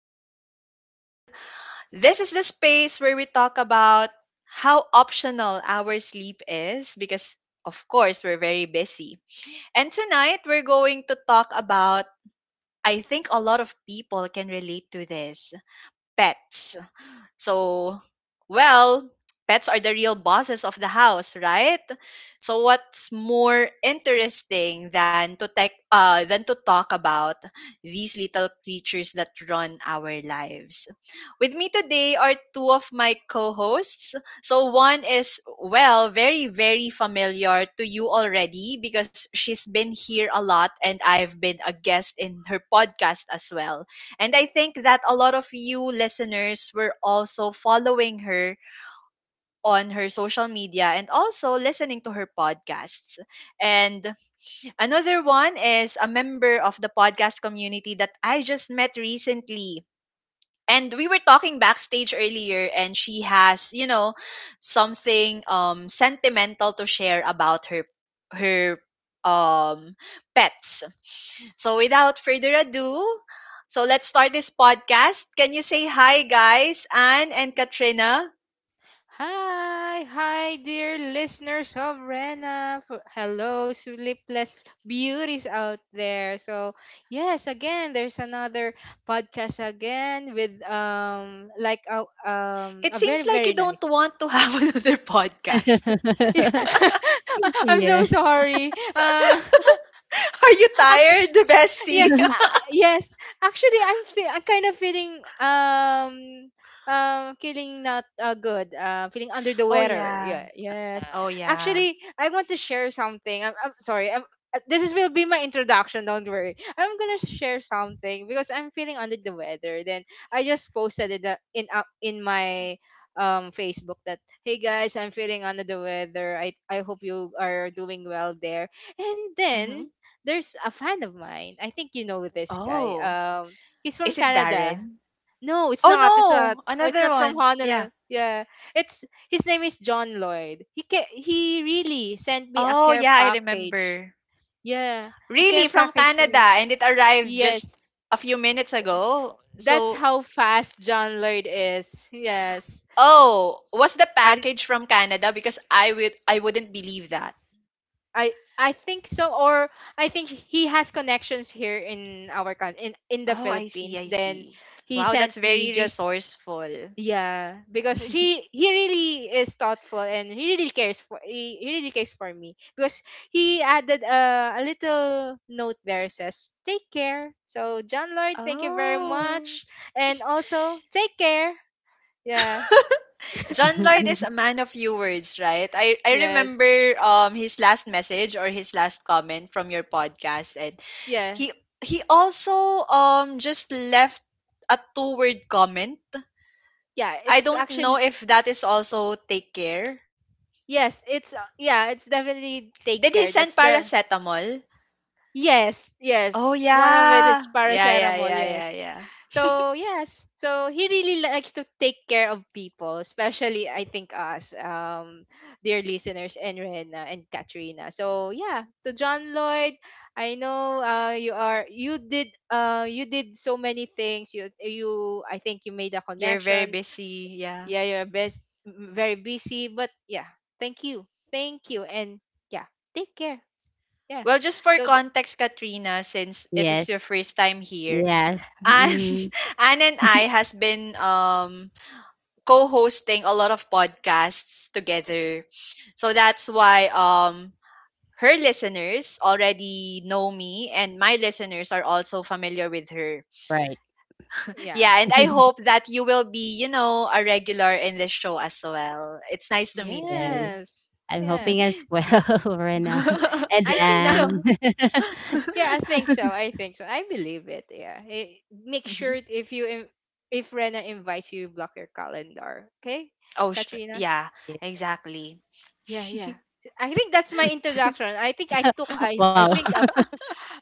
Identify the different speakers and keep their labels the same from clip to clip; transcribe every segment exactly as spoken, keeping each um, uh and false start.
Speaker 1: again. And this is the space where we talk about how optional our sleep is because, of course, we're very busy. And tonight, we're going to talk about, I think a lot of people can relate to this, pets. So, well, pets are the real bosses of the house, right? So what's more interesting than to tech, uh, than to talk about these little creatures that run our lives? With me today are two of my co-hosts. So one is, well, very, very familiar to you already because she's been here a lot and I've been a guest in her podcast as well. And I think that a lot of you listeners were also following her on her social media and also listening to her podcasts. And another one is a member of the podcast community that I just met recently, and we were talking backstage earlier, and she has you know something um sentimental to share about her her um pets. So without further ado, so let's start this podcast. Can you say hi, guys? Anne and Katrina?
Speaker 2: Hi, hi, dear listeners of Rena. F- Hello, sleepless beauties out there. So, yes, again, there's another podcast again with um like a um
Speaker 1: It
Speaker 2: a very
Speaker 1: seems like you
Speaker 2: very
Speaker 1: don't
Speaker 2: nice.
Speaker 1: want to have another podcast.
Speaker 2: Yeah. I'm so
Speaker 3: Yeah.
Speaker 2: sorry. Uh,
Speaker 1: Are you
Speaker 2: actually,
Speaker 1: tired,
Speaker 2: yes
Speaker 1: bestie?
Speaker 2: uh, yes actually i'm fe- i'm kind of feeling um um feeling not uh, good uh feeling under the
Speaker 1: Oh,
Speaker 2: weather,
Speaker 1: yeah.
Speaker 2: yeah, yes,
Speaker 3: Wow.
Speaker 1: Oh, yeah.
Speaker 2: actually I want to share something i'm, I'm sorry I'm, uh, This is, will be my introduction, don't worry. I'm gonna share something because I'm feeling under the weather. Then I just posted it uh, in uh, in my um Facebook that hey guys, I'm feeling under the weather. I i hope you are doing well there. And then
Speaker 1: Hmm.
Speaker 2: there's a fan of mine. I think you know this guy.
Speaker 1: Oh,
Speaker 2: Um, he's from
Speaker 1: is it
Speaker 2: Canada.
Speaker 1: Darren?
Speaker 2: No, it's
Speaker 1: Oh,
Speaker 2: not. It's not.
Speaker 1: no!
Speaker 2: Oh, it's
Speaker 1: Another
Speaker 2: not from
Speaker 1: one.
Speaker 2: Honolulu.
Speaker 1: Yeah.
Speaker 2: Yeah, it's his name is John Lloyd. He ca- he really sent me a
Speaker 1: Oh,
Speaker 2: care
Speaker 1: yeah, I
Speaker 2: package.
Speaker 1: remember.
Speaker 2: Yeah, a care
Speaker 1: Really, from
Speaker 2: package for me.
Speaker 1: Canada, and it arrived just
Speaker 2: Yes,
Speaker 1: a few minutes ago.
Speaker 2: that's
Speaker 1: So,
Speaker 2: how fast John Lloyd is. Yes,
Speaker 1: oh, was the
Speaker 2: I
Speaker 1: package from Canada? Because I would I wouldn't believe that.
Speaker 2: I I think so. Or I think he has connections here in our country in in the
Speaker 1: Oh, I see,
Speaker 2: Philippines.
Speaker 1: I
Speaker 2: Then
Speaker 1: see.
Speaker 2: he
Speaker 1: Wow,
Speaker 2: sent
Speaker 1: that's very
Speaker 2: me just
Speaker 1: resourceful.
Speaker 2: yeah, because she he really is thoughtful and he really cares for he, he really cares for me because he added uh, a little note there says take care. So John Lloyd, thank you very
Speaker 1: Oh.
Speaker 2: much, and also take care. Yeah.
Speaker 1: John Lloyd is a man of few words, right? I, I
Speaker 2: Yes.
Speaker 1: remember, um his last message or his last comment from your podcast, and
Speaker 2: Yeah.
Speaker 1: he he also um just left a two word comment.
Speaker 2: Yeah.
Speaker 1: I
Speaker 2: It's
Speaker 1: don't know
Speaker 2: actually
Speaker 1: if that is also take care.
Speaker 2: yes. It's uh, yeah. It's definitely take
Speaker 1: Did
Speaker 2: care.
Speaker 1: he
Speaker 2: That's
Speaker 1: send
Speaker 2: the
Speaker 1: paracetamol?
Speaker 2: yes, yes.
Speaker 1: Oh,
Speaker 2: One of it
Speaker 1: yeah.
Speaker 2: is
Speaker 1: Yeah, yeah,
Speaker 2: paracetamol,
Speaker 1: yeah, yeah,
Speaker 2: yes.
Speaker 1: yeah.
Speaker 2: So yes. So he really likes to take care of people, especially, I think, us, um, dear listeners, and Rena and Katrina. So yeah, to John Lloyd, I know uh, you are, you did, uh, you did so many things. You, you, I think you made a
Speaker 1: You're very
Speaker 2: connection.
Speaker 1: busy, yeah.
Speaker 2: Yeah, you're best, m- very busy, but yeah, thank you. Thank you. And yeah, take care. Yeah.
Speaker 1: Well, just for
Speaker 2: So, th-
Speaker 1: context, Katrina, since it is your
Speaker 3: Yes.
Speaker 1: first time here,
Speaker 3: Yes.
Speaker 1: and
Speaker 3: Mm.
Speaker 1: Anne and I has been um co-hosting a lot of podcasts together. So that's why um her listeners already know me and my listeners are also familiar with her.
Speaker 3: Right.
Speaker 2: yeah.
Speaker 1: Yeah, and I hope that you will be, you know, a regular in this show as well. It's nice to meet
Speaker 3: Yes.
Speaker 1: you.
Speaker 2: Yes.
Speaker 3: I'm hoping
Speaker 2: Yes.
Speaker 3: as well, Rena.
Speaker 2: Y-
Speaker 3: And
Speaker 2: I think
Speaker 1: Now,
Speaker 2: so.
Speaker 3: then,
Speaker 2: Yeah, I think so. I think so. I believe it. Yeah. I- make sure
Speaker 1: mhm.
Speaker 2: if you in- if Renner invites you, block your calendar. Okay,
Speaker 1: Oh, sh-
Speaker 2: Katrina.
Speaker 1: yeah,
Speaker 3: yes.
Speaker 1: exactly.
Speaker 2: Yeah, yeah. I think that's my introduction. I think I took I
Speaker 3: Wow.
Speaker 2: I think a f-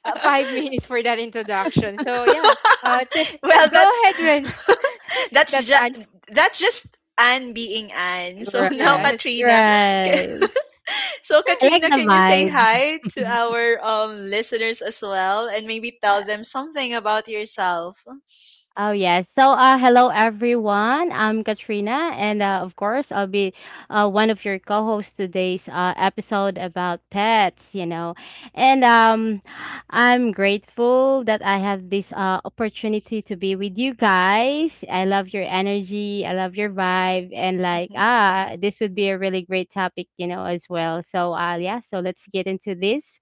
Speaker 2: uh, five minutes for that introduction. So yeah, uh, t-
Speaker 1: Well,
Speaker 2: go
Speaker 1: that's,
Speaker 2: ahead, Ren.
Speaker 1: that's
Speaker 2: That's
Speaker 1: just,
Speaker 2: an
Speaker 1: that's just Anne being Anne. So now,
Speaker 3: Right.
Speaker 2: yes,
Speaker 1: Katrina,
Speaker 3: Right.
Speaker 1: so,
Speaker 3: I like
Speaker 1: Katrina,
Speaker 3: the
Speaker 1: can you say
Speaker 3: vibe.
Speaker 1: hi to our um, listeners as well and maybe tell them something about yourself?
Speaker 3: Oh, yes. So uh hello everyone. I'm Katrina, and uh, of course I'll be uh one of your co-hosts today's uh episode about pets, you know. And um I'm grateful that I have this uh opportunity to be with you guys. I love your energy, I love your vibe, and like
Speaker 1: Mhm.
Speaker 3: ah this would be a really great topic, you know, as well. So uh yeah, so let's get into this.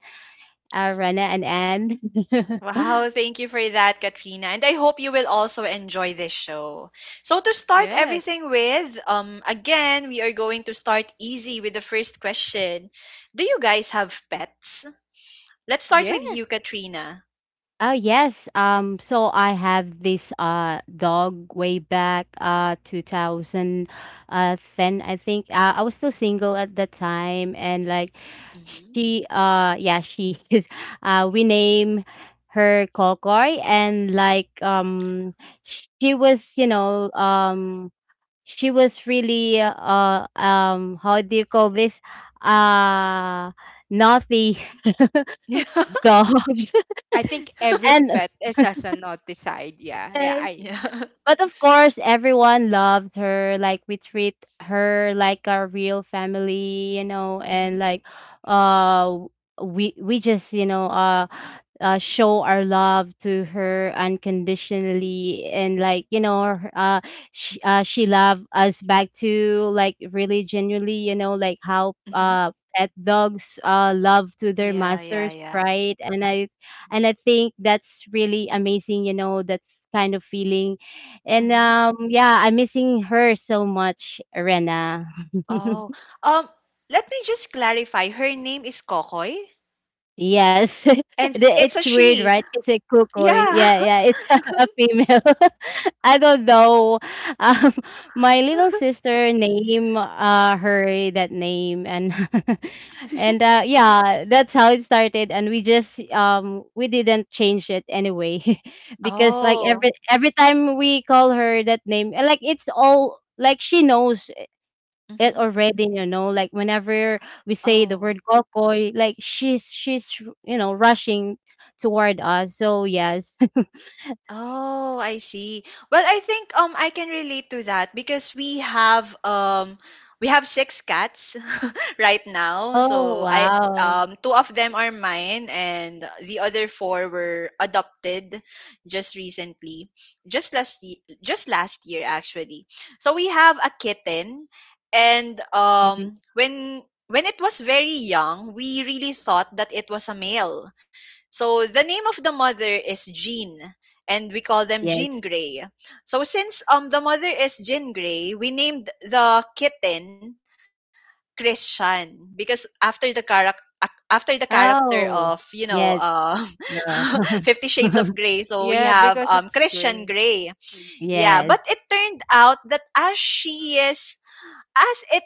Speaker 3: Uh Rana and Anne.
Speaker 1: Wow, thank you for that, Katrina. And I hope you will also enjoy this show. So, to start
Speaker 2: yes,
Speaker 1: everything with, um, again, we are going to start easy with the first question. Do you guys have pets? Let's start with you,
Speaker 2: yes.
Speaker 1: Katrina.
Speaker 3: Oh, yes. Um so I have this uh dog way back uh two thousand uh ten, I think. Uh, I was still single at that time, and like
Speaker 1: Hmm.
Speaker 3: she uh yeah, she is uh we name her Kokoy. And like um she was, you know, um she was really uh um how do you call this? Uh Naughty
Speaker 1: Yeah.
Speaker 3: dog.
Speaker 2: I think every
Speaker 3: And
Speaker 2: pet is has a naughty side. Yeah, yeah.
Speaker 3: yes.
Speaker 2: I
Speaker 1: Yeah.
Speaker 3: But of course, everyone loved her. Like we treat her like our real family, you know,
Speaker 1: Hmm.
Speaker 3: and like uh we we just, you know, uh uh, show our love to her unconditionally. And like, you know, her- uh she, uh she loved us back to like really genuinely, you know, like how
Speaker 1: Hmm.
Speaker 3: uh pet dogs uh love to their
Speaker 1: Yeah, yeah,
Speaker 3: masters,
Speaker 1: yeah.
Speaker 3: right? And i and i think that's really amazing, you know, that kind of feeling. And
Speaker 1: Hmm.
Speaker 3: um yeah, I'm missing her so much, Rena.
Speaker 1: Oh, um, let me just clarify. Her name is Kokoy,
Speaker 3: Yes.
Speaker 1: and
Speaker 3: The-
Speaker 1: it's a
Speaker 3: It's weird,
Speaker 1: she.
Speaker 3: right? It's a kukoy.
Speaker 1: Yeah.
Speaker 3: Yeah, yeah, it's a female. I don't know. Um, my little sister name uh her that name. And and uh yeah, that's how it started, and we just um we didn't change it anyway because like
Speaker 1: Oh.
Speaker 3: every every time we call her that name, uh, like it's all like she knows it
Speaker 1: Hmm.
Speaker 3: already, you know, like whenever we say the word
Speaker 1: Oh.
Speaker 3: Kokoy, like she's she's you know rushing toward us. So yes.
Speaker 1: Oh, I see. Well, I think um I can relate to that because we have um we have six cats right now.
Speaker 3: Oh,
Speaker 1: So I,
Speaker 3: wow.
Speaker 1: um two of them are mine and the other four were adopted just recently. Just last ye- just last year actually. So we have a kitten, and
Speaker 3: Mhm.
Speaker 1: um when when it was very young, we really thought that it was a male. So the name of the mother is Jean, and we call them Jean
Speaker 3: Yes.
Speaker 1: Grey. So since um the mother is Jean Grey, we named the kitten Christian, because after the character after the character of,
Speaker 3: Oh,
Speaker 1: you know
Speaker 3: yes.
Speaker 1: uh,
Speaker 3: Uh,
Speaker 1: Fifty Shades of Grey, so we
Speaker 2: yeah,
Speaker 1: have
Speaker 2: because
Speaker 1: um
Speaker 2: it's
Speaker 1: Christian
Speaker 2: gray.
Speaker 1: Grey. Yeah, but
Speaker 3: yes.
Speaker 1: it turned out that as she is as it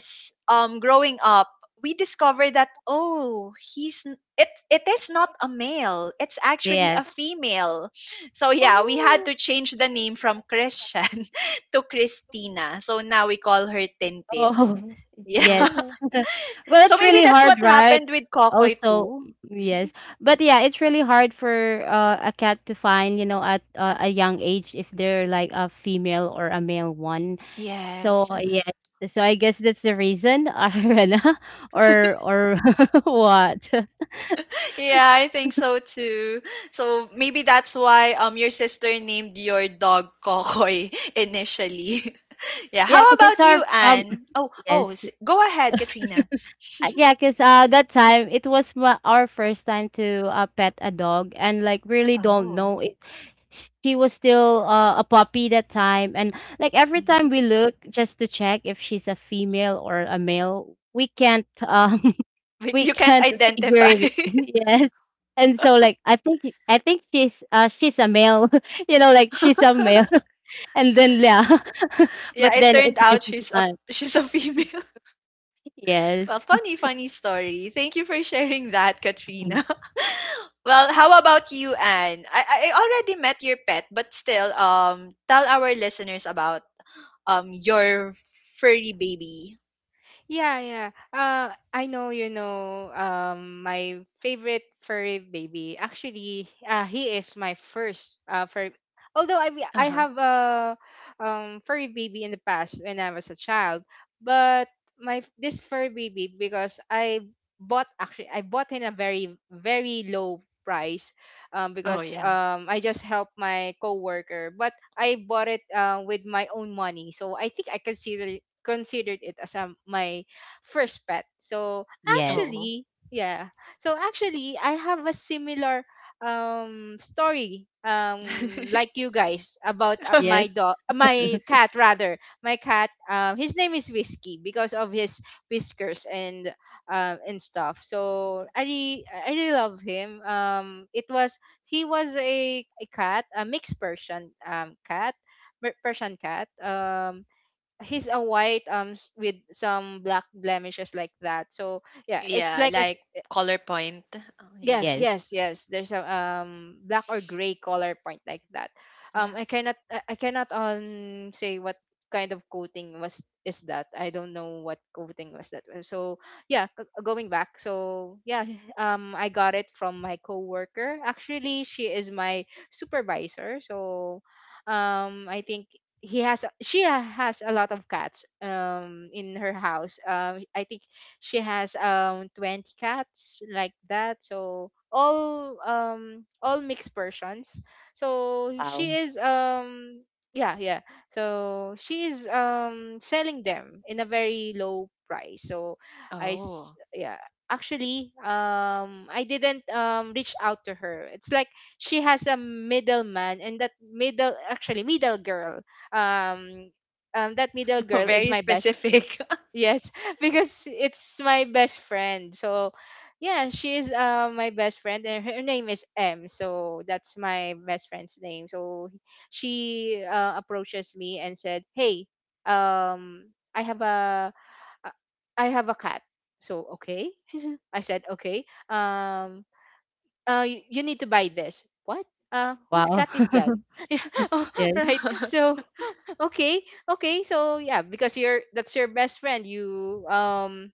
Speaker 1: is um growing up, we discover that, oh, he's n- it it is not a male, it's actually a
Speaker 3: Yes.
Speaker 1: female. So yeah, we had to change the name from Christian to Christina, so now we call her Tintin.
Speaker 3: Oh,
Speaker 1: Yeah.
Speaker 3: yes.
Speaker 2: Oh,
Speaker 3: Well,
Speaker 1: So
Speaker 3: it's
Speaker 1: maybe
Speaker 3: really
Speaker 1: that's what
Speaker 3: hard, right?
Speaker 1: happened with Kokoy
Speaker 3: Also,
Speaker 1: too.
Speaker 3: yes. But yeah, it's really hard for uh, a cat to find, you know, at uh, a young age if they're like a female or a male one. So,
Speaker 1: Yes.
Speaker 3: yes. So I guess that's the reason, Arena, or or what?
Speaker 1: Yeah, I think so too. So maybe that's why um your sister named your dog Kokoy initially. Yeah. How
Speaker 3: Yeah, because
Speaker 1: about
Speaker 3: it's
Speaker 1: you,
Speaker 3: our um
Speaker 1: Anne? Oh, oh,
Speaker 3: yes.
Speaker 1: s- go ahead, Katrina.
Speaker 3: Uh, Yeah, because uh, that time it was my, our first time to uh, pet a dog, and like really don't
Speaker 1: Oh,
Speaker 3: know it. She was still uh, a puppy that time, and like every time
Speaker 1: mhm.
Speaker 3: we look just to check if she's a female or a male, we can't um
Speaker 1: But
Speaker 3: we
Speaker 1: you can't
Speaker 3: can't figure
Speaker 1: identify.
Speaker 3: it. Yes, and so like I think I think she's uh she's a male, you know, like she's a male. And then yeah,
Speaker 1: Yeah,
Speaker 3: but
Speaker 1: it
Speaker 3: then
Speaker 1: turned
Speaker 3: it's her
Speaker 1: out she's a
Speaker 3: son.
Speaker 1: she's a female. Well,
Speaker 3: Yes.
Speaker 1: funny, funny story. Thank you for sharing that, Katrina. Well, how about you, Anne? I I already met your pet, but still, um, tell our listeners about um your furry baby.
Speaker 2: yeah, yeah. Uh, I know, you know, um, my favorite furry baby. Actually, uh, he is my first uh, furry. Although I
Speaker 1: Uh
Speaker 2: I
Speaker 1: huh.
Speaker 2: have a um, furry baby in the past when I was a child, but my this furry baby because I bought actually I bought in a very very low price, um,
Speaker 1: Oh,
Speaker 2: because
Speaker 1: yeah.
Speaker 2: um, I just helped my coworker, but I bought it uh, with my own money, so I think I consider considered it as um, my first pet. So
Speaker 3: Yes,
Speaker 1: Oh.
Speaker 2: actually, yeah. So actually, I have a similar um story um like you guys about uh,
Speaker 3: yes,
Speaker 2: my dog my cat rather. My cat, um, his name is Whiskey because of his whiskers and um and stuff. So i re i really love him. Um it was he was a, a cat, a mixed Persian um cat. Per- persian cat. Um he's a white um s- with some black blemishes like that. So yeah, it's
Speaker 1: Yeah,
Speaker 2: like as
Speaker 1: like color point. Oh, yeah.
Speaker 2: yes,
Speaker 3: yes.
Speaker 2: yes, yes. There's a um black or gray color point like that. Um,
Speaker 1: Yeah.
Speaker 2: I cannot, I I cannot um say what kind of coating was is that. I don't know what coating was that. Uh, So yeah, g- going back. So yeah, um, I got it from my coworker. Actually, she is my supervisor. So, um, I think he has, a- she has a lot of cats. Um, in her house. Um, I think she has um twenty cats like that, so all um all mixed persons so she
Speaker 3: Wow.
Speaker 2: is um yeah, yeah, so she is um selling them in a very low price. So i s-
Speaker 1: Oh,
Speaker 2: yeah, actually um I didn't um reach out to her. It's like she has a middleman and that middle actually middle girl, um um that middle girl is
Speaker 1: very
Speaker 2: my best
Speaker 1: specific.
Speaker 2: yes, because it's my best friend. So yeah, she is uh, my best friend, and her name is M. So that's my best friend's name. So she uh, approaches me and said, "Hey, um, I have a, a I have a cat." So okay, I said okay. Um, uh, you, you need to buy this. What? Uh, whose cat
Speaker 3: Wow.
Speaker 2: is that? Yeah,
Speaker 3: Yes.
Speaker 2: right. So
Speaker 1: A
Speaker 2: okay, okay. So yeah, because you're that's your best friend. You um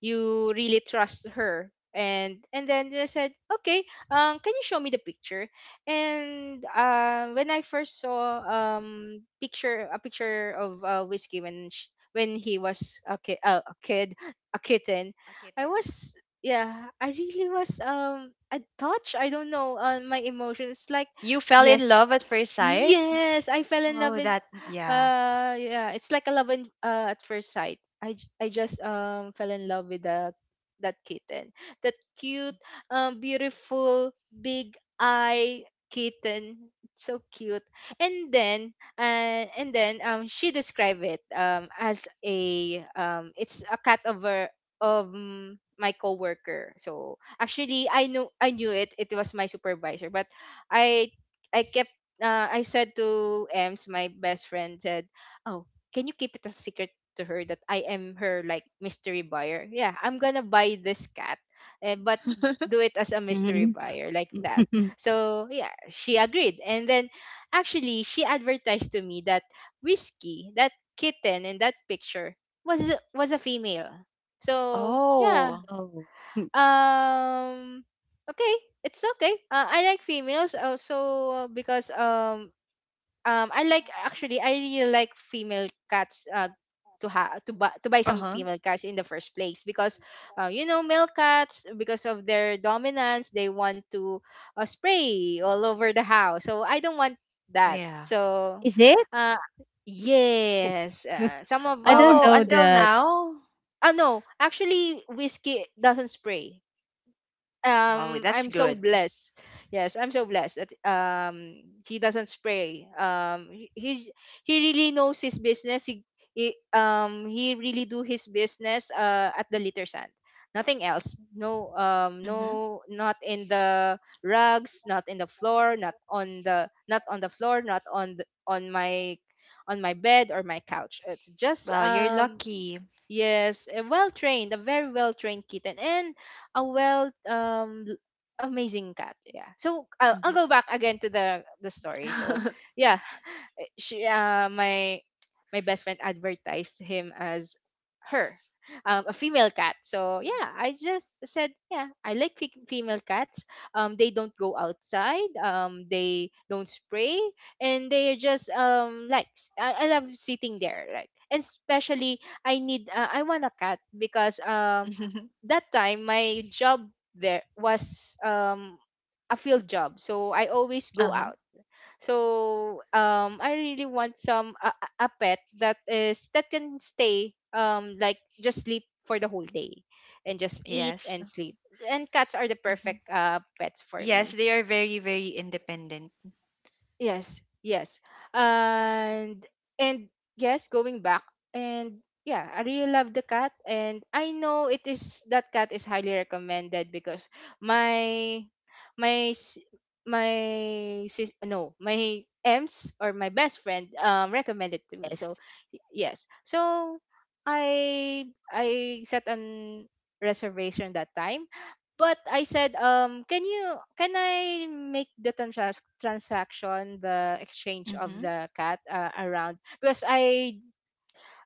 Speaker 2: you really trust her. And and then they said, "Okay, um can you show me the picture?" And uh when I first saw um picture a picture of uh, Whiskey when sh when he was a kid, uh, a kid, a kitten, I
Speaker 1: kitten.
Speaker 2: was yeah, I really was um I touched. I don't know, uh, my emotions like
Speaker 1: You fell in
Speaker 2: yes.
Speaker 1: love at first sight?
Speaker 2: Yes, I fell in love
Speaker 1: Oh,
Speaker 2: with
Speaker 1: that, yeah.
Speaker 2: uh yeah, it's like a love in, uh, at first sight. I j- I just um fell in love with the that kitten. That cute, um beautiful big eye kitten. It's so cute. And then uh, and then um she described it um as a um it's a cat over of um, my coworker. So actually I knew I knew it. It was my supervisor, but I I kept uh, I said to Ems, my best friend, said, "Oh, can you keep it a secret to her that I am her like mystery buyer? Yeah, I'm gonna buy this cat, eh, but do it as a mystery
Speaker 3: Mhm.
Speaker 2: buyer like that." So yeah, she agreed, and then actually she advertised to me that Risky, that kitten in that picture, was a- was a female. So yeah,
Speaker 1: Oh,
Speaker 3: Oh.
Speaker 2: um, okay, it's okay. Uh, I like females also because um um I like actually I really like female cats uh to ha to buy to buy
Speaker 1: uh
Speaker 2: some
Speaker 1: huh.
Speaker 2: female cats in the first place, because uh, you know, male cats, because of their dominance, they want to uh, spray all over the house, so I don't want that.
Speaker 1: Yeah.
Speaker 2: So
Speaker 3: Is it?
Speaker 2: uh yes uh, some of
Speaker 3: I
Speaker 2: our
Speaker 3: don't
Speaker 1: Oh,
Speaker 3: know
Speaker 2: s-
Speaker 1: until
Speaker 3: that.
Speaker 1: now?
Speaker 2: ah no, actually Whiskey doesn't spray.
Speaker 1: Wow,
Speaker 2: Um
Speaker 1: that's
Speaker 2: I'm so
Speaker 1: good.
Speaker 2: blessed. Yes, I'm so blessed that um he doesn't spray. Um he he he really knows his business. He, he um he really do his business uh at the litter sand. Nothing else. No um
Speaker 1: Mm-hmm.
Speaker 2: no, not in the rugs, not in the floor, not on the not on the floor, not on the, on my on my bed or my couch. It's just
Speaker 1: Well, you're
Speaker 2: um
Speaker 1: lucky.
Speaker 2: yes, a well trained, a very well trained kitten, and a well um l- amazing cat. Yeah. So I'll, I'll
Speaker 1: Mm-hmm.
Speaker 2: go back again to the the story. So yeah, she uh my my best friend advertised him as her um, a female cat. So yeah, I just said yeah, I like fe- female cats. Um they don't go outside, um they don't spray, and they are just um like s- I, I love sitting there right, and especially I need uh, I want a cat because um that time my job there was um a field job, so I always
Speaker 1: Uh
Speaker 2: go
Speaker 1: huh.
Speaker 2: out. So um, I really want some a, a a pet that is that can stay um like just sleep for the whole day and just eat
Speaker 1: Yes.
Speaker 2: and sleep. And cats are the
Speaker 1: Mm-hmm.
Speaker 2: perfect uh pets for
Speaker 1: Yes,
Speaker 2: me.
Speaker 1: they are very, very independent.
Speaker 2: Yes, yes. And and yes, going back, and yeah, I really love the cat, and I know it is that cat is highly recommended because my my s- my sis, no, my Ems or my best friend um recommended to me. So
Speaker 3: Yes.
Speaker 2: y- yes. So I I set an reservation that time but I said, um, can you can I make the trans- transaction, the exchange of
Speaker 1: Mm-hmm.
Speaker 2: the cat uh, around because I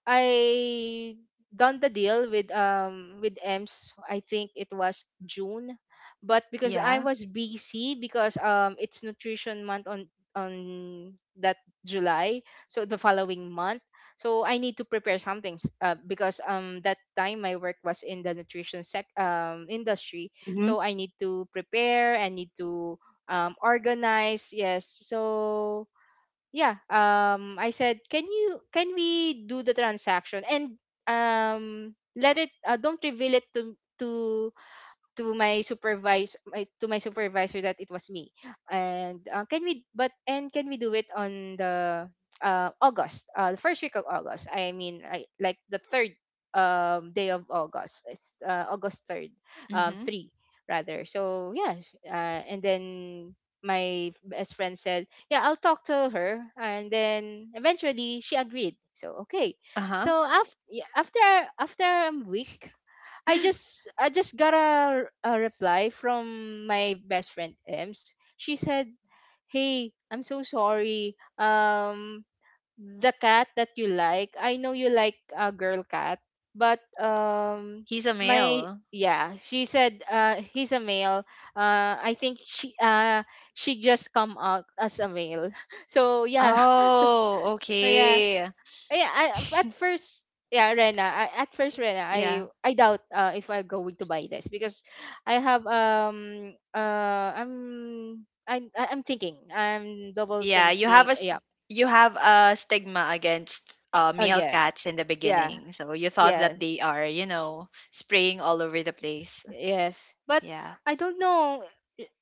Speaker 2: I done the deal with um with EMS. I think it was June, but because
Speaker 1: Yeah.
Speaker 2: I was busy because um it's nutrition month on on that July, so the following month. So I need to prepare some things uh, because um that time my work was in the nutrition sec um industry.
Speaker 3: Mhm.
Speaker 2: So I need to prepare. I need to um organize. Yes. So yeah, um I said, can you can we do the transaction, and um let it, uh, don't reveal it to to to my supervisor, my, to my supervisor, that it was me. And uh, can we but and can we do it on the, uh, august uh, the first week of August? I mean, I, like the third, um, day of August. It's uh, August third. um,
Speaker 1: Mm-hmm.
Speaker 2: three rather. So yeah, sh- uh, and then my best friend said, yeah, I'll talk to her, and then eventually she agreed, so okay.
Speaker 1: Uh huh.
Speaker 2: So after after after a week, I just I just got a, a reply from my best friend, Ems. She said, "Hey, I'm so sorry. Um, the cat that you like, I know you like a girl cat, but um,
Speaker 1: He's a
Speaker 2: my—"
Speaker 1: male.
Speaker 2: Yeah, she said, uh, he's a male. Uh, I think she uh she just come out as a male. So yeah, so
Speaker 1: Oh,
Speaker 2: yeah,
Speaker 1: okay.
Speaker 2: yeah, I, at first, yeah, Rena, I, at first, Rena, I
Speaker 1: Yeah.
Speaker 2: I doubt, uh, if I'm going to buy this, because I have um uh I'm I'm I I'm thinking, I'm double
Speaker 1: Yeah, you have
Speaker 2: thinking.
Speaker 1: a
Speaker 2: Yeah.
Speaker 1: st- you have a stigma against, uh,
Speaker 2: Oh
Speaker 1: male
Speaker 2: yeah.
Speaker 1: cats in the
Speaker 2: Yeah.
Speaker 1: beginning, so you thought that
Speaker 2: Yes.
Speaker 1: they are, you know, spraying all over the place.
Speaker 2: Yes. But
Speaker 1: Yeah,
Speaker 2: I don't know.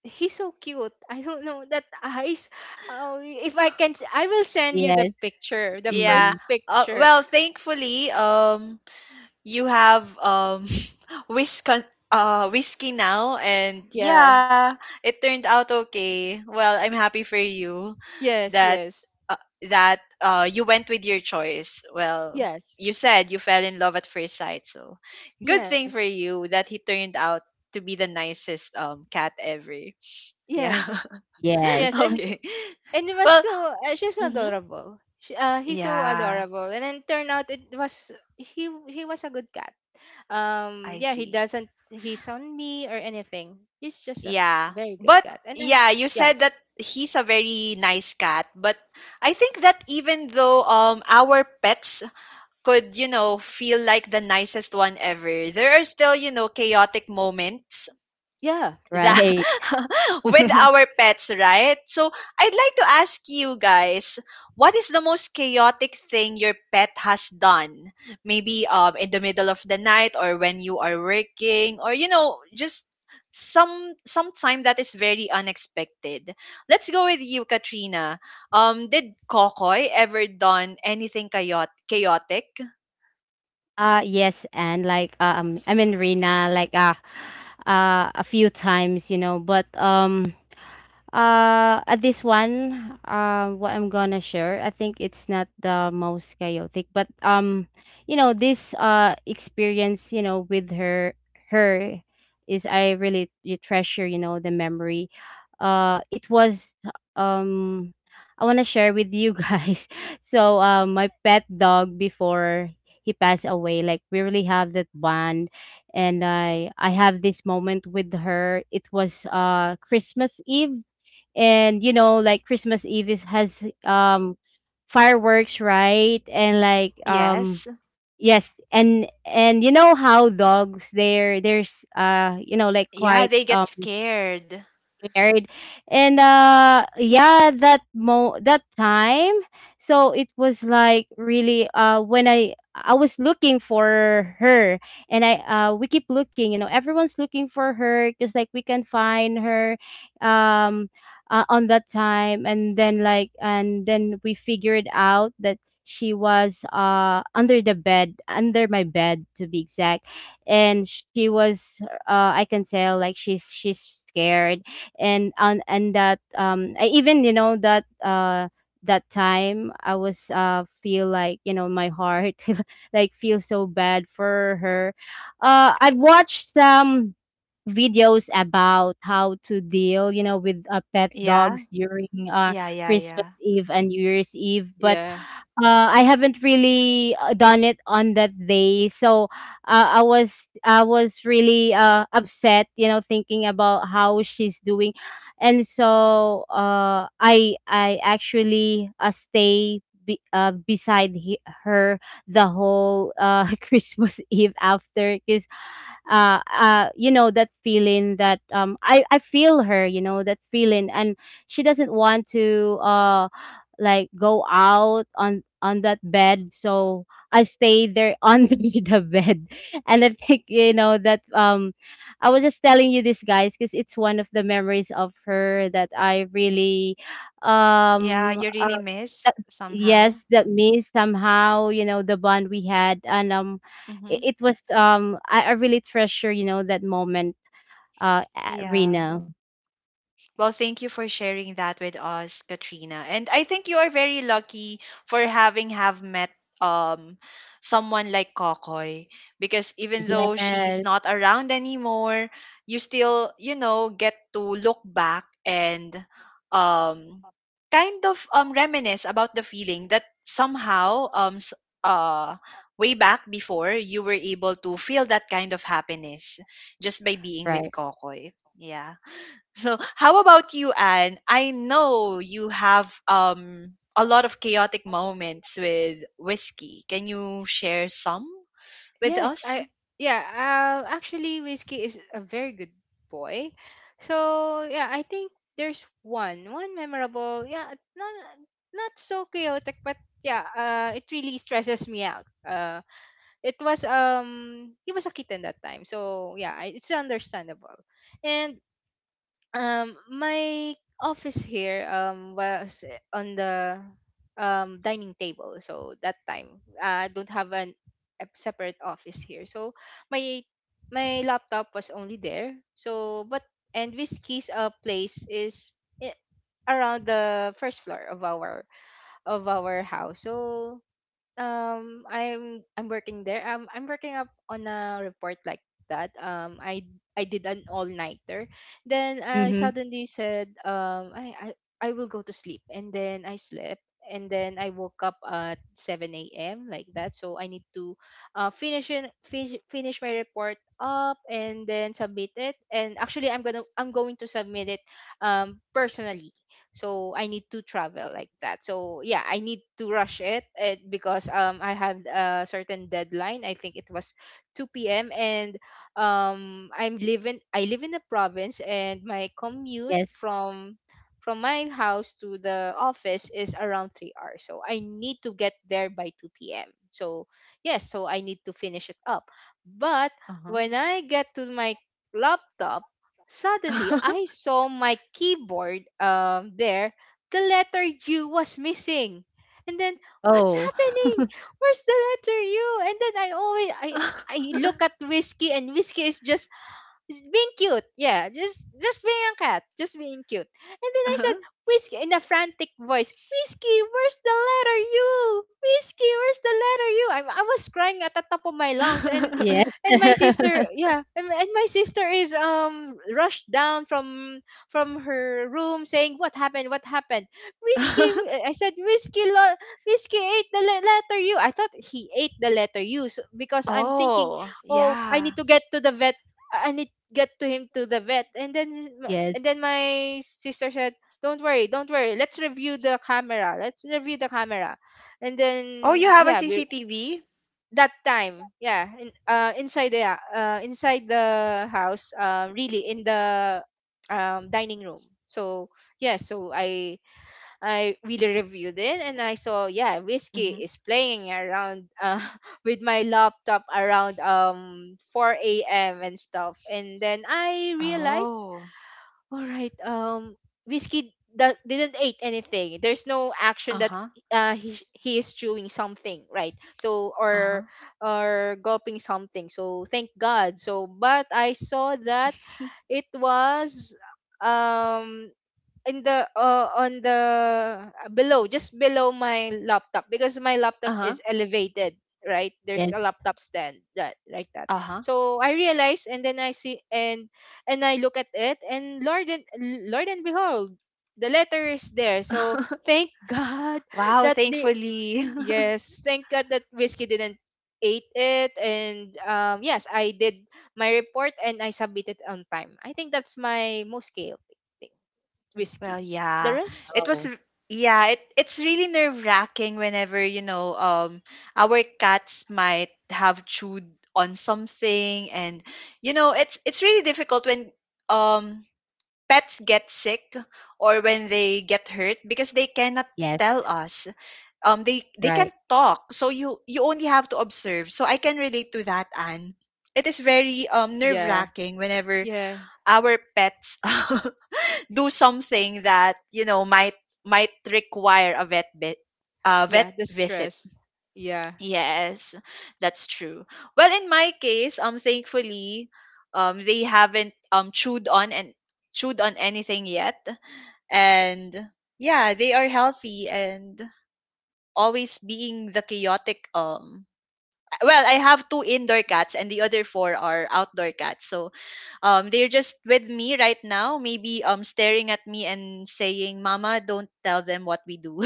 Speaker 2: He's so cute. I don't know, that eyes. Oh, if I can, s- I will send you the
Speaker 3: Yes.
Speaker 2: picture, the
Speaker 1: yeah.
Speaker 3: Mhm.
Speaker 2: first
Speaker 1: Uh,
Speaker 2: picture.
Speaker 1: well, thankfully, um, you have um, whisk uh whiskey now, and
Speaker 2: Yeah.
Speaker 1: yeah, it turned out okay. Well, I'm happy for you.
Speaker 2: Yes.
Speaker 1: that
Speaker 2: Yes.
Speaker 1: uh, that uh, you went with your choice. Well,
Speaker 2: Yes.
Speaker 1: you said you fell in love at first sight, so good thing
Speaker 2: Yes.
Speaker 1: for you that he turned out to be the nicest um cat ever. Yeah.
Speaker 2: Yes.
Speaker 3: Yes.
Speaker 2: Yes, and
Speaker 1: Okay.
Speaker 2: and it was
Speaker 1: Well,
Speaker 2: so, uh, she was
Speaker 1: hmm
Speaker 2: adorable. She, uh, he's so
Speaker 1: yeah,
Speaker 2: adorable, and then turned out it was, he he was a good cat. Um,
Speaker 1: I
Speaker 2: yeah, he
Speaker 1: see.
Speaker 2: doesn't he's on me or anything. He's just a
Speaker 1: Yeah.
Speaker 2: very good
Speaker 1: But
Speaker 2: cat, and then
Speaker 1: yeah, you
Speaker 2: yeah,
Speaker 1: said that he's a very nice cat, but I think that even though um our pets could, you know, feel like the nicest one ever. There are still, you know, chaotic moments
Speaker 2: yeah,
Speaker 1: that
Speaker 3: Right.
Speaker 1: with our pets, right? So I'd like to ask you guys, what is the most chaotic thing your pet has done? Maybe um in the middle of the night, or when you are working, or, you know, just some some time that is very unexpected. Let's go with you, Katrina. Um, did Kokoy ever done anything chaot- chaotic?
Speaker 3: Uh yes, and like uh, um I mean Rina, like uh uh a few times, you know, but um Uh, at this one, uh, what I'm gonna share, I think it's not the most chaotic, but um, you know, this uh experience, you know, with her, her is I really you treasure, you know, the memory. Uh, it was um, I wanna share with you guys. So, uh, my pet dog before he passed away, like we really have that bond, and I I have this moment with her. It was uh Christmas Eve, and you know, like Christmas Eve is has um fireworks, right? And like
Speaker 1: Yes.
Speaker 3: um yes. And and you know how dogs they're there's uh you know, like
Speaker 1: Yeah,
Speaker 3: quite
Speaker 1: they get scared.
Speaker 3: scared. And uh yeah, that mo that time, so it was like really uh when i i was looking for her. And I uh we keep looking, you know, everyone's looking for her because like we can find her um uh, on that time. And then like and then we figured out that she was uh under the bed, under my bed, to be exact. And she was uh I can tell like she's she's scared. And on and that um I even, you know, that uh that time, I was uh feel like, you know, my heart like feel so bad for her. Uh I've watched some videos about how to deal, you know, with uh, pet
Speaker 1: Yeah.
Speaker 3: dogs during uh
Speaker 1: Yeah, yeah,
Speaker 3: Christmas
Speaker 1: yeah.
Speaker 3: Eve and New Year's Eve. But
Speaker 2: yeah,
Speaker 3: uh, I haven't really uh, done it on that day, so uh, I was I was really uh, upset, you know, thinking about how she's doing. And so uh, I I actually uh, stay be, uh, beside he, her the whole uh, Christmas Eve after, because uh, uh, you know that feeling that um I I feel her, you know that feeling. And she doesn't want to uh like go out on on that bed, so I stayed there under the bed. And I think, you know, that um I was just telling you this guys because it's one of the memories of her that I really
Speaker 1: Yeah,
Speaker 3: um
Speaker 1: you
Speaker 3: uh,
Speaker 1: really miss
Speaker 3: that,
Speaker 1: somehow.
Speaker 3: yes, that means somehow, you know, the bond we had. And um
Speaker 1: Mm-hmm.
Speaker 3: it, it was um I, I really treasure, you know, that moment, uh at
Speaker 1: Yeah.
Speaker 3: Rena.
Speaker 1: Well, thank you for sharing that with us, Katrina. And I think you are very lucky for having have met um someone like Kokoy, because even though she's
Speaker 3: Yes.
Speaker 1: not around anymore, you still, you know, get to look back, and um kind of um reminisce about the feeling that somehow, um s- uh way back, before you were able to feel that kind of happiness just by being
Speaker 3: Right.
Speaker 1: with Kokoy. Yeah. So, how about you, Anne? I know you have um a lot of chaotic moments with Whiskey. Can you share some with
Speaker 2: yes,
Speaker 1: us?
Speaker 2: I yeah. Uh, actually, Whiskey is a very good boy. So yeah, I think there's one one memorable. Yeah, not not so chaotic, but yeah, uh, it really stresses me out. Uh it was um he was a kitten that time, so yeah, I- it's understandable. And um my office here um was on the um dining table, so that time, uh, I don't have an a separate office here, so my my laptop was only there, so but, and Whiskey's uh place is, i- around the first floor of our of our house. So um I'm I'm working there. Um I'm working up on a report like that. Um I I did an all nighter. Then I
Speaker 3: Mm-hmm.
Speaker 2: suddenly said, um I, I I will go to sleep, and then I slept, and then I woke up at seven a m like that. So I need to uh finish in, finish finish my report up and then submit it. And actually, I'm gonna I'm going to submit it um personally, so I need to travel like that. So yeah, I need to rush it, it because um I have a certain deadline. I think it was two p.m. And um i'm living I live in the province, and my commute
Speaker 3: Yes.
Speaker 2: from from my house to the office is around three hours, so I need to get there by two p.m. So yes, so I need to finish it up. But
Speaker 1: Uh-huh.
Speaker 2: when I get to my laptop, suddenly I saw my keyboard, um, there. The letter U was missing. And then, what's
Speaker 3: Oh,
Speaker 2: happening? Where's the letter U? And then I always I I look at Whiskey, and Whiskey is just just being cute. Yeah, just just being a cat, just being cute. And then I said,
Speaker 1: Uh-huh.
Speaker 2: Whiskey, in a frantic voice, Whiskey, where's the letter U? Whiskey, where's the letter U? I, I was crying at the top of my lungs. and
Speaker 3: yes.
Speaker 2: and my sister, yeah, and, and my sister is um rushed down from from her room, saying, what happened? What happened? Whiskey, w- I said, Whiskey, lo- Whiskey ate the le- letter U. I thought he ate the letter U so, because I'm thinking,
Speaker 1: Oh,
Speaker 2: oh, I
Speaker 1: yeah.
Speaker 2: need to get to the vet. I need get to him to the vet. And then m- and
Speaker 3: Yes.
Speaker 2: then my sister said, don't worry, don't worry, let's review the camera, let's review the camera. And
Speaker 1: Oh, you
Speaker 2: then
Speaker 1: have a
Speaker 2: yeah, we
Speaker 1: C C T V?
Speaker 2: that time, yeah, in, uh inside the uh inside the house, uh really in the um dining room. So yeah, so i I really reviewed it, and I saw, yeah, Whiskey
Speaker 1: Mm-hmm.
Speaker 2: is playing around, uh, with my laptop, around um four a m and stuff. And then I realized,
Speaker 1: Oh.
Speaker 2: all right, um Whiskey that didn't eat anything. There's no action
Speaker 1: Uh
Speaker 2: that,
Speaker 1: huh.
Speaker 2: uh, he, he is chewing something, right? So,
Speaker 1: Uh-huh.
Speaker 2: or or gulping something. So thank god. So but I saw that it was, um in the uh, on the, uh, below just below my laptop, because my laptop
Speaker 1: Uh-huh.
Speaker 2: is elevated, right? There's a
Speaker 3: Yes.
Speaker 2: laptop stand, that, like that.
Speaker 1: Uh-huh.
Speaker 2: So I realize, and then I see, and and I look at it, and lord and lord and behold, the letter is there. So thank god
Speaker 1: Wow,
Speaker 2: that, the
Speaker 1: thankfully.
Speaker 2: yes, thank god that Whiskey didn't ate it. And um yes, I did my report and I submitted on time. I think that's my most chaotic,
Speaker 1: Well,
Speaker 2: Whiskey. The
Speaker 1: yeah.
Speaker 2: rest,
Speaker 1: It was
Speaker 3: Oh,
Speaker 1: r- yeah, it, it's really nerve-wracking whenever, you know, um our cats might have chewed on something, and you know, it's it's really difficult when um pets get sick, or when they get hurt, because they cannot
Speaker 3: yes.
Speaker 1: tell us. Um they they can
Speaker 3: Right.
Speaker 1: talk, so you you only have to observe. So I can relate to that, Anne. It is very um
Speaker 2: yeah,
Speaker 1: nerve-wracking whenever
Speaker 2: yeah,
Speaker 1: our pets do something that, you know, might might require a vet bit, uh, vet
Speaker 2: yeah. The
Speaker 1: visit.
Speaker 2: stress, yeah.
Speaker 1: Yes, that's true. Well, in my case, um, thankfully, um, they haven't um chewed on and chewed on anything yet, and yeah, they are healthy, and always being the chaotic um. Well, I have two indoor cats and the other four are outdoor cats. So um they're just with me right now, maybe um staring at me and saying, mama, don't tell them what we do.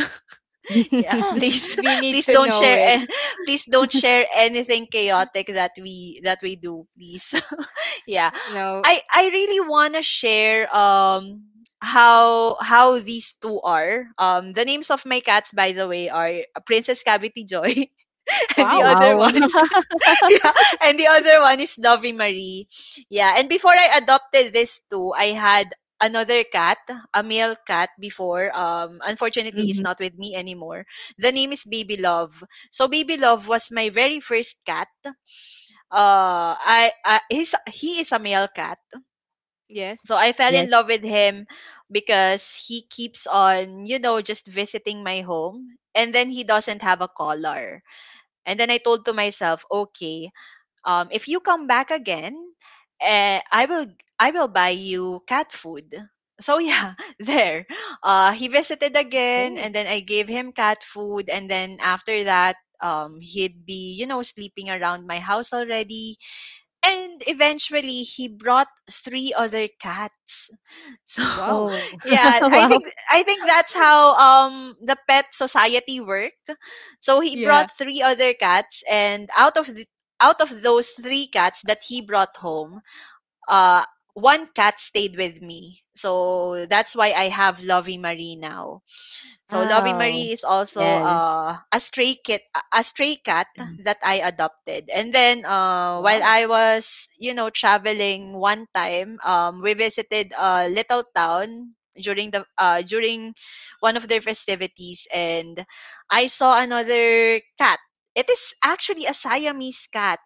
Speaker 1: Yeah, please,
Speaker 2: We need
Speaker 1: please
Speaker 2: to
Speaker 1: don't
Speaker 2: know
Speaker 1: share,
Speaker 2: it.
Speaker 1: and please don't share anything chaotic that we that we do, please. Yeah,
Speaker 2: No.
Speaker 1: i i really want to share um how how these two are, um the names of my cats, by the way, are Princess Cavity Joy and the
Speaker 2: Wow.
Speaker 1: other
Speaker 3: Wow.
Speaker 1: one yeah. And the other one is Lovey Marie. Yeah. And before I adopted this too, I had another cat, a male cat before. Um, unfortunately, he's
Speaker 3: Mhm.
Speaker 1: not with me anymore. The name is Baby Love. So Baby Love was my very first cat. Uh, I, I he's, he is a male cat. So
Speaker 2: Yes.
Speaker 1: I fell in
Speaker 3: Yes.
Speaker 1: love with him because he keeps on, you know, just visiting my home. And then he doesn't have a collar. And then I told to myself, okay, um, if you come back again, eh, I will, I will buy you cat food. So yeah, there. Uh, he visited again,
Speaker 2: Okay.
Speaker 1: and then I gave him cat food, and then after that, um, he'd be you know sleeping around my house already, and eventually he brought three other cats, so
Speaker 2: Wow.
Speaker 3: Oh,
Speaker 1: yeah, I
Speaker 3: wow.
Speaker 1: think, I think that's how um the pet society work. So he
Speaker 2: Yeah.
Speaker 1: brought three other cats, and out of the out of those three cats that he brought home, uh one cat stayed with me. So that's why I have Lovey Marie now. So Lovey
Speaker 3: Oh,
Speaker 1: Marie is also,
Speaker 3: yes.
Speaker 1: uh, a stray kit, a a stray cat that I adopted. And then, uh, while
Speaker 2: Wow.
Speaker 1: I was, you know, traveling one time, um, we visited a little town during the uh, during one of their festivities, and I saw another cat. It is actually a Siamese cat,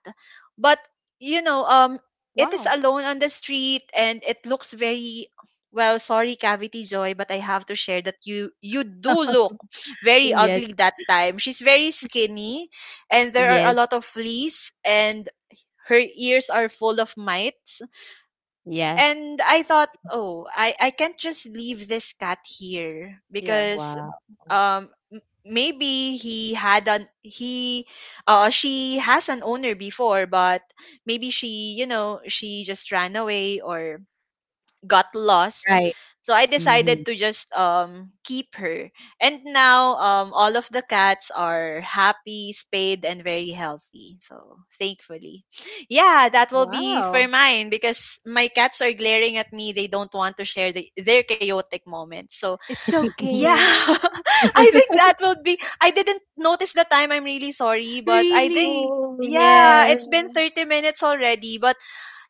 Speaker 1: but you know, um, it is
Speaker 2: Wow.
Speaker 1: alone on the street, and it looks very, well, sorry, Cavity Joy, but I have to share that you you do look very
Speaker 3: Yes.
Speaker 1: ugly that time. She's very skinny, and there are a
Speaker 3: Yes.
Speaker 1: lot of fleas, and her ears are full of mites.
Speaker 3: Yes.
Speaker 1: And I thought, oh, I I can't just leave this cat here,
Speaker 2: Yeah.
Speaker 1: because
Speaker 3: Wow.
Speaker 1: um m- maybe he had an he uh she has an owner before, but maybe she you know she just ran away, or got lost.
Speaker 3: Right.
Speaker 1: So I decided
Speaker 3: Hmm.
Speaker 1: to just um keep her. And now um all of the cats are happy, spayed, and very healthy, so thankfully, yeah, that will be for
Speaker 2: Wow.
Speaker 1: mine because my cats are glaring at me. They don't want to share the, their chaotic moments. So
Speaker 2: It's
Speaker 1: yeah,
Speaker 2: okay.
Speaker 1: I think that will be I didn't notice the time. I'm really sorry, but I think,
Speaker 2: Really?
Speaker 3: Oh,
Speaker 1: yeah, it's
Speaker 3: yes.
Speaker 1: been
Speaker 2: Oh.
Speaker 1: thirty minutes already, but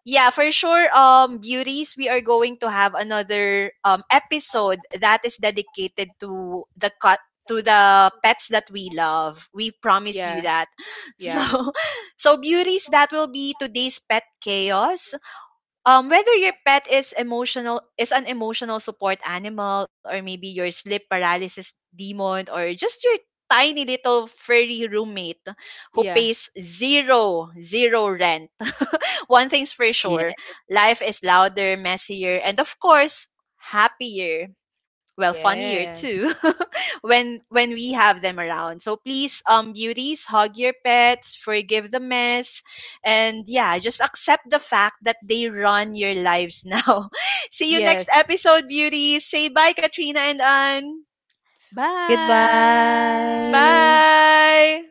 Speaker 1: yeah, for sure. Um, beauties, we are going to have another um episode that is dedicated to the cut to the pets that we love. We promise you
Speaker 2: Yeah.
Speaker 1: that.
Speaker 2: Yeah.
Speaker 1: So, so beauties, that will be today's pet chaos. Um, whether your pet is emotional is an emotional support animal, or maybe your sleep paralysis demon, or just your tiny little furry roommate who
Speaker 2: Yeah.
Speaker 1: pays zero zero rent, one thing's for sure,
Speaker 3: Yeah.
Speaker 1: life is louder, messier, and, of course, happier. Well, funnier too
Speaker 2: Yes.
Speaker 1: when when we have them around. So please, um, beauties, hug your pets, forgive the mess, and yeah, just accept the fact that they run your lives now. See you next
Speaker 2: Yes.
Speaker 1: episode, beauties. Say bye, Katrina and Ann.
Speaker 3: Goodbye.
Speaker 2: Bye.
Speaker 1: Bye.